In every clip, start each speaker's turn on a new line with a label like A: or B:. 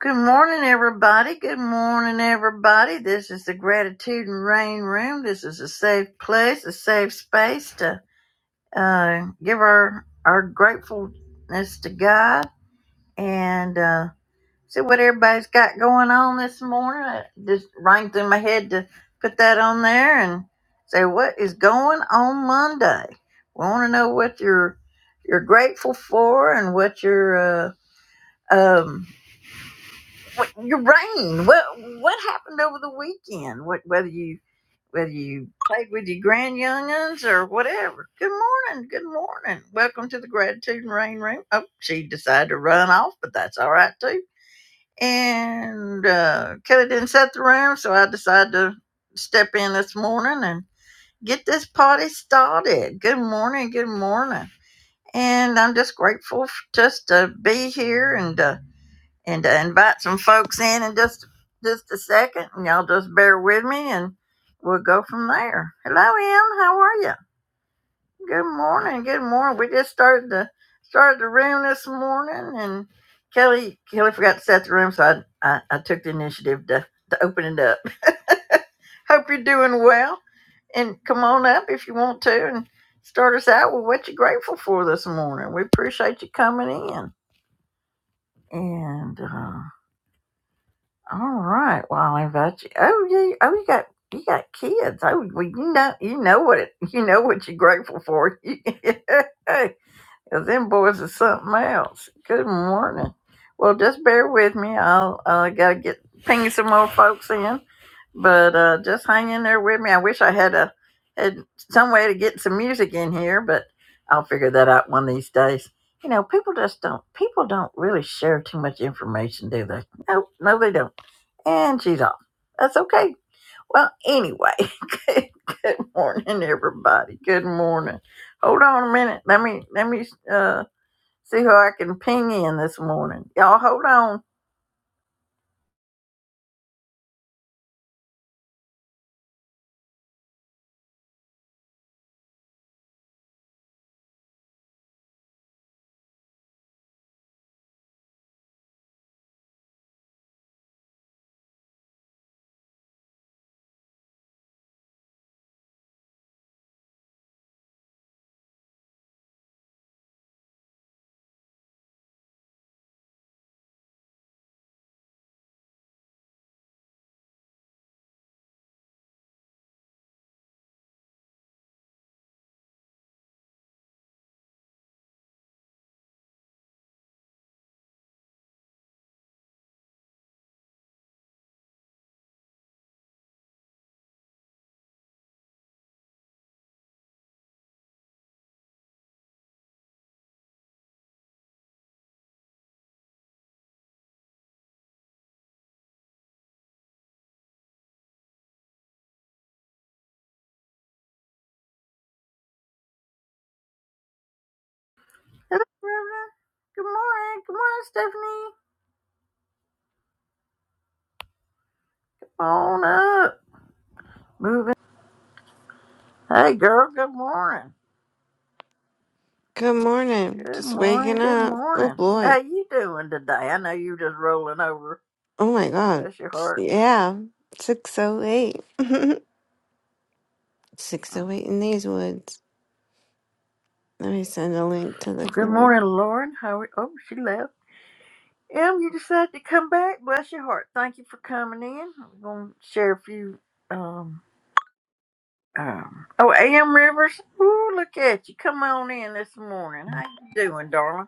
A: Good morning, everybody. Good morning, everybody. This is the Gratitude and Rain Room. This is a safe place, a safe space to uh, give our our gratefulness to God and uh, see what everybody's got going on this morning. It just rang through my head to put that on there and say what is going on Monday. We want to know what you're you're grateful for and what you're uh, um, your rain. What what happened over the weekend? What whether you whether you played with your grand younguns or whatever. Good morning. Good morning. Welcome to the gratitude and rain room. Oh, she decided to run off, but that's all right too. And uh, Kelly didn't set the room, so I decided to step in this morning and get this party started. Good morning. Good morning. And I'm just grateful f- just to be here and. Uh, and to invite some folks in in just just a second, and y'all just bear with me, and we'll go from there. Hello, Em. How are you? Good morning. Good morning. We just started the started the room this morning, and Kelly Kelly forgot to set the room, so I I, I took the initiative to to open it up. Hope you're doing well, and come on up if you want to, and start us out with what you're grateful for this morning. We appreciate you coming in, and. Uh, All right. Well, I invite you. Oh, you. Oh, you got you got kids. Oh, well, you know you know what it. You know what you're grateful for. hey, them boys are something else. Good morning. Well, just bear with me. I'll I gotta get ping some more folks in, but uh, just hang in there with me. I wish I had a had some way to get some music in here, but I'll figure that out one of these days. You know, people just don't people don't really share too much information, do they? No, no, they don't and she's off. That's okay. Well, anyway, good, good morning, everybody. Good morning. Hold on a minute. Let me let me uh see who I can ping in this morning. Y'all, hold on. Hello, Brenda. Good morning. Good morning, Stephanie. Come on up. Moving. Hey, girl. Good morning.
B: Good morning.
A: Good
B: Just
A: morning.
B: waking
A: Good
B: up. Oh
A: morning.
B: boy.
A: How you doing today? I know you just rolling over.
B: Oh my god.
A: Bless your heart.
B: Yeah. 608.
A: Well,
B: 608 in these woods. Let me send a link to the
A: good
B: group.
A: morning, Lauren. How? Are, oh, she left. Em, you decided to come back. Bless your heart. Thank you for coming in. I'm going to share a few. Um, um, oh, Am Rivers. Ooh, look at you. Come on in this morning. How you doing, darling?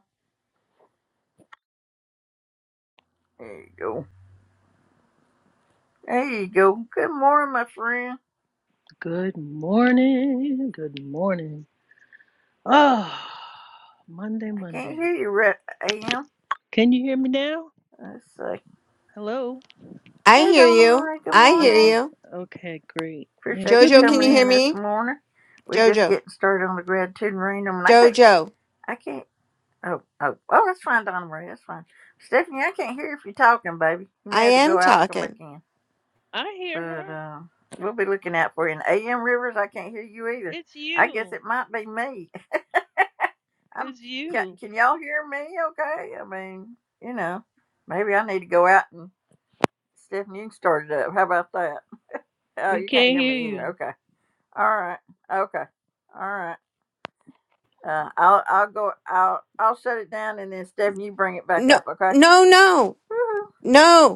A: There you go. There you go. Good morning, my friend.
C: Good morning. Good morning. Oh, Monday,
A: I can't
C: Monday.
A: hear you, right, Am.
C: Can you hear me now?
A: Let's see.
C: Hello?
B: I
A: Hey,
B: hear
A: Donna
B: you.
A: Marie. Good
B: I hear
A: morning.
C: Okay.
B: you.
C: Okay, great. Yeah,
A: Appreciate you
C: good
B: Jojo, can you
A: coming
B: hear
C: morning.
A: in this
B: me?
A: morning. We just
B: Jojo.
A: getting started on the gratitude and rain. I mean, I can't.
B: Jojo.
A: I can't. Oh, oh, oh, that's fine, Donna Marie. That's fine. Stephanie, I can't hear you if you're talking, baby. You may
B: I
A: have to go
B: am
A: out and come back
B: talking.
A: in.
C: I hear
A: But
C: her.
A: uh, we'll be looking out for you. And A.M. Rivers, I can't hear you either.
C: It's
A: I guess
C: you.
A: it might be me. I'm.
C: It's
A: Can,
C: you.
A: can y'all hear me? Okay. I mean, you know, maybe I need to go out and Stephanie, you can start it up. How about that? Oh,
C: We
A: you can't
C: can't
A: hear me
C: hear
A: either.
C: you.
A: Okay. All right. Okay. All right. Uh, I'll I'll go. I'll I'll shut it down and then Stephanie, you bring it back
B: No.
A: up. Okay.
B: No, no.
A: Woo-hoo.
B: No.